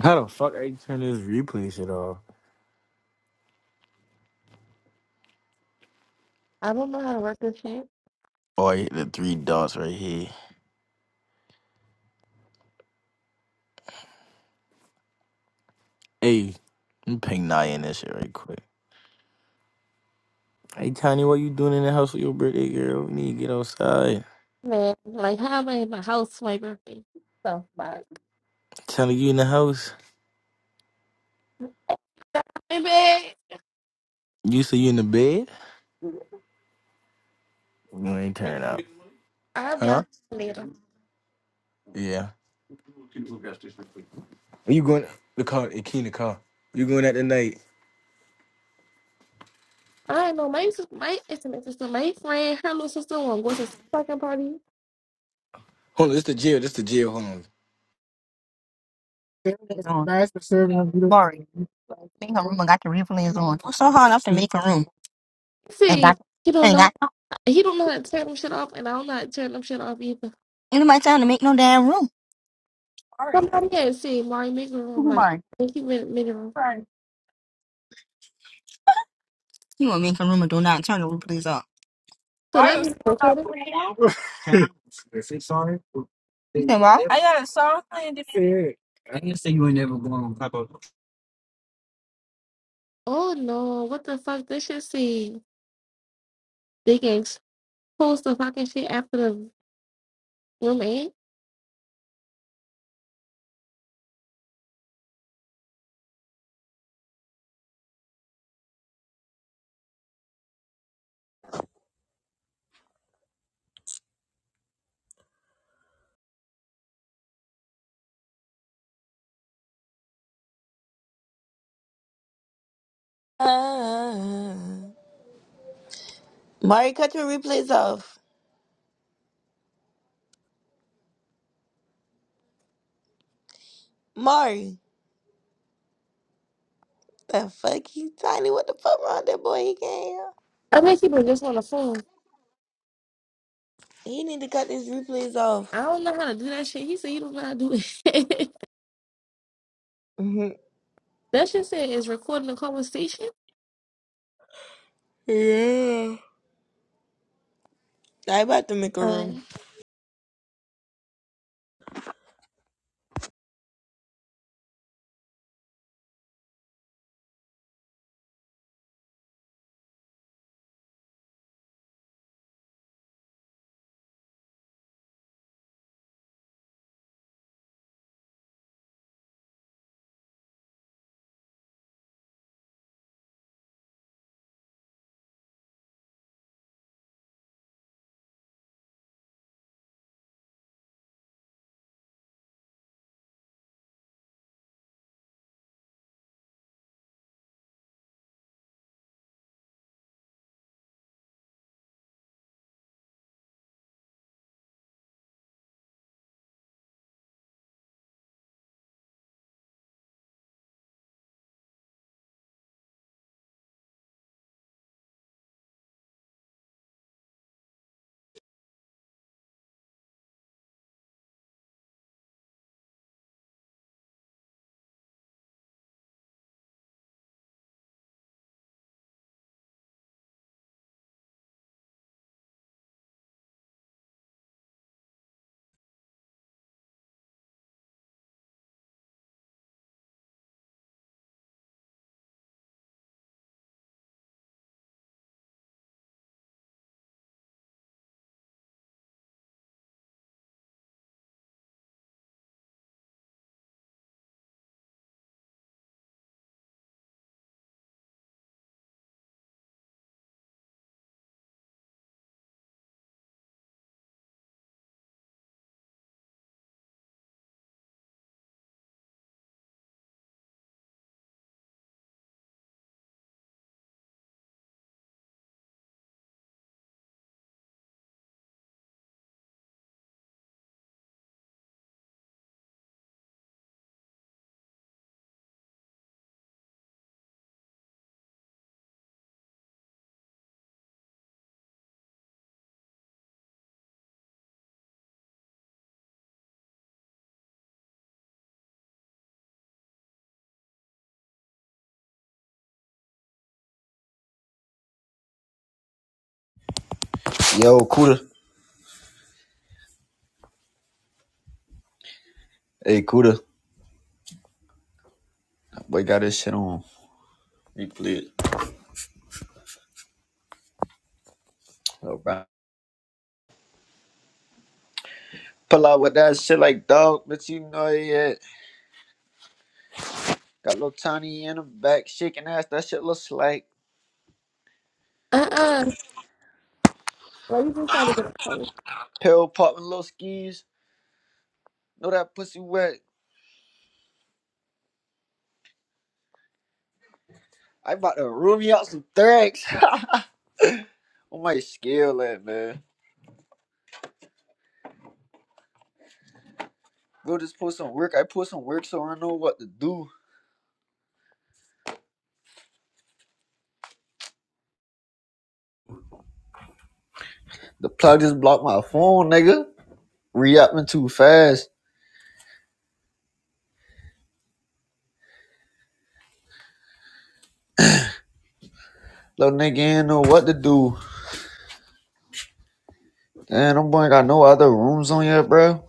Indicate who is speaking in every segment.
Speaker 1: How the fuck I turn this replay shit off?
Speaker 2: I don't know how to work this shit.
Speaker 1: Oh, I hit the three dots right here. Hey, I'm ping nine in this shit right quick. hey Tiny, what you doing in the house with your birthday girl? You need to get outside.
Speaker 2: Man, like how am I in my house for my birthday? So fuck.
Speaker 1: Tiny, you in the house?
Speaker 2: Hey
Speaker 1: You say you in the bed?
Speaker 2: babe.
Speaker 1: You ain't turn out.
Speaker 2: I'll be
Speaker 1: Huh?
Speaker 2: out later.
Speaker 1: Yeah. Are you going the car? The key in the car. You going out tonight?
Speaker 2: I know my sister, my intimate sister, my friend, her little sister wanna go to this fucking party.
Speaker 1: Hold on, this the jail. This the jail. Hold on.
Speaker 3: There it is on. That's for sure. gonna be the Sorry. Make a room and got the replays on. It's so hard enough to make a room and
Speaker 2: See,
Speaker 3: got
Speaker 2: he don't
Speaker 3: and
Speaker 2: know
Speaker 3: got
Speaker 2: he don't know how to turn them shit off and I don't know how to turn them shit off either.
Speaker 3: anybody time to make no damn room. Sorry.
Speaker 2: Somebody had seen Mari Maker room
Speaker 3: Who am
Speaker 2: like
Speaker 3: I?
Speaker 2: thank you minute minute room.
Speaker 3: Sorry. You want to make a room and do not turn the replays off.
Speaker 2: So
Speaker 3: Why
Speaker 2: that
Speaker 3: is
Speaker 2: means
Speaker 3: song not
Speaker 2: recorded.
Speaker 3: playing? Is it sorry? You said what? I got a song playing. I didn't say you ain't never going on top of.
Speaker 2: Oh no, what the fuck? This shit see they can post the fucking shit after the room end.
Speaker 4: Uh, Mari, cut your replays off. Mari, the fuck you tiny? What the fuck wrong with that boy? He can't hear.
Speaker 2: I think he just on the phone.
Speaker 4: He need to cut these replays off.
Speaker 2: I don't know how to do that shit. He said you don't know how to do it.
Speaker 4: hmm
Speaker 2: that shit said is recording a conversation.
Speaker 4: Yeah. I about to make a
Speaker 2: All
Speaker 4: room.
Speaker 2: right.
Speaker 5: Yo, Cuda, Hey, Cuda, That Boy, got this shit on replay. All right. Pull out with that shit like dog, but you know it. Got little Tiny in the back, shaking ass. That shit looks like
Speaker 2: Uh uh Why you just try to get a call?
Speaker 5: pill popping little skis. Know that pussy wet. I about to room you out some thanks. on my scale, at man. Bro, just put some work. I put some work so I know what to do. The plug just blocked my phone, nigga. Re-upping too fast. Little nigga ain't know what to do. Damn, them boy ain't got no other rooms on yet, bro.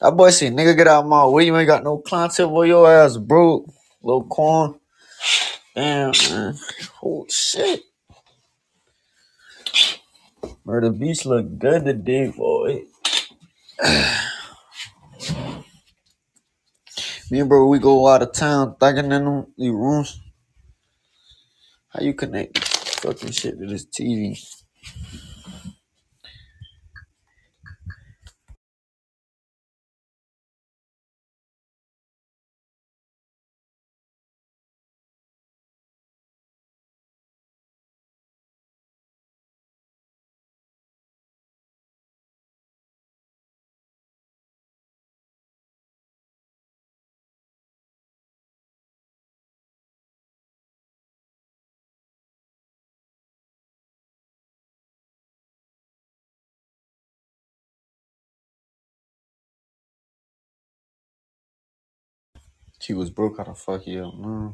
Speaker 5: That boy said, nigga, get out of my way. You ain't got no content for your ass, bro. Lil Quan. Damn, man. Oh, shit. Murder Beast look good today, boy. Me and bro, we go out of town thugging in them the rooms. How you connect fucking shit to this TV? She was broke. How the fuck you up, man?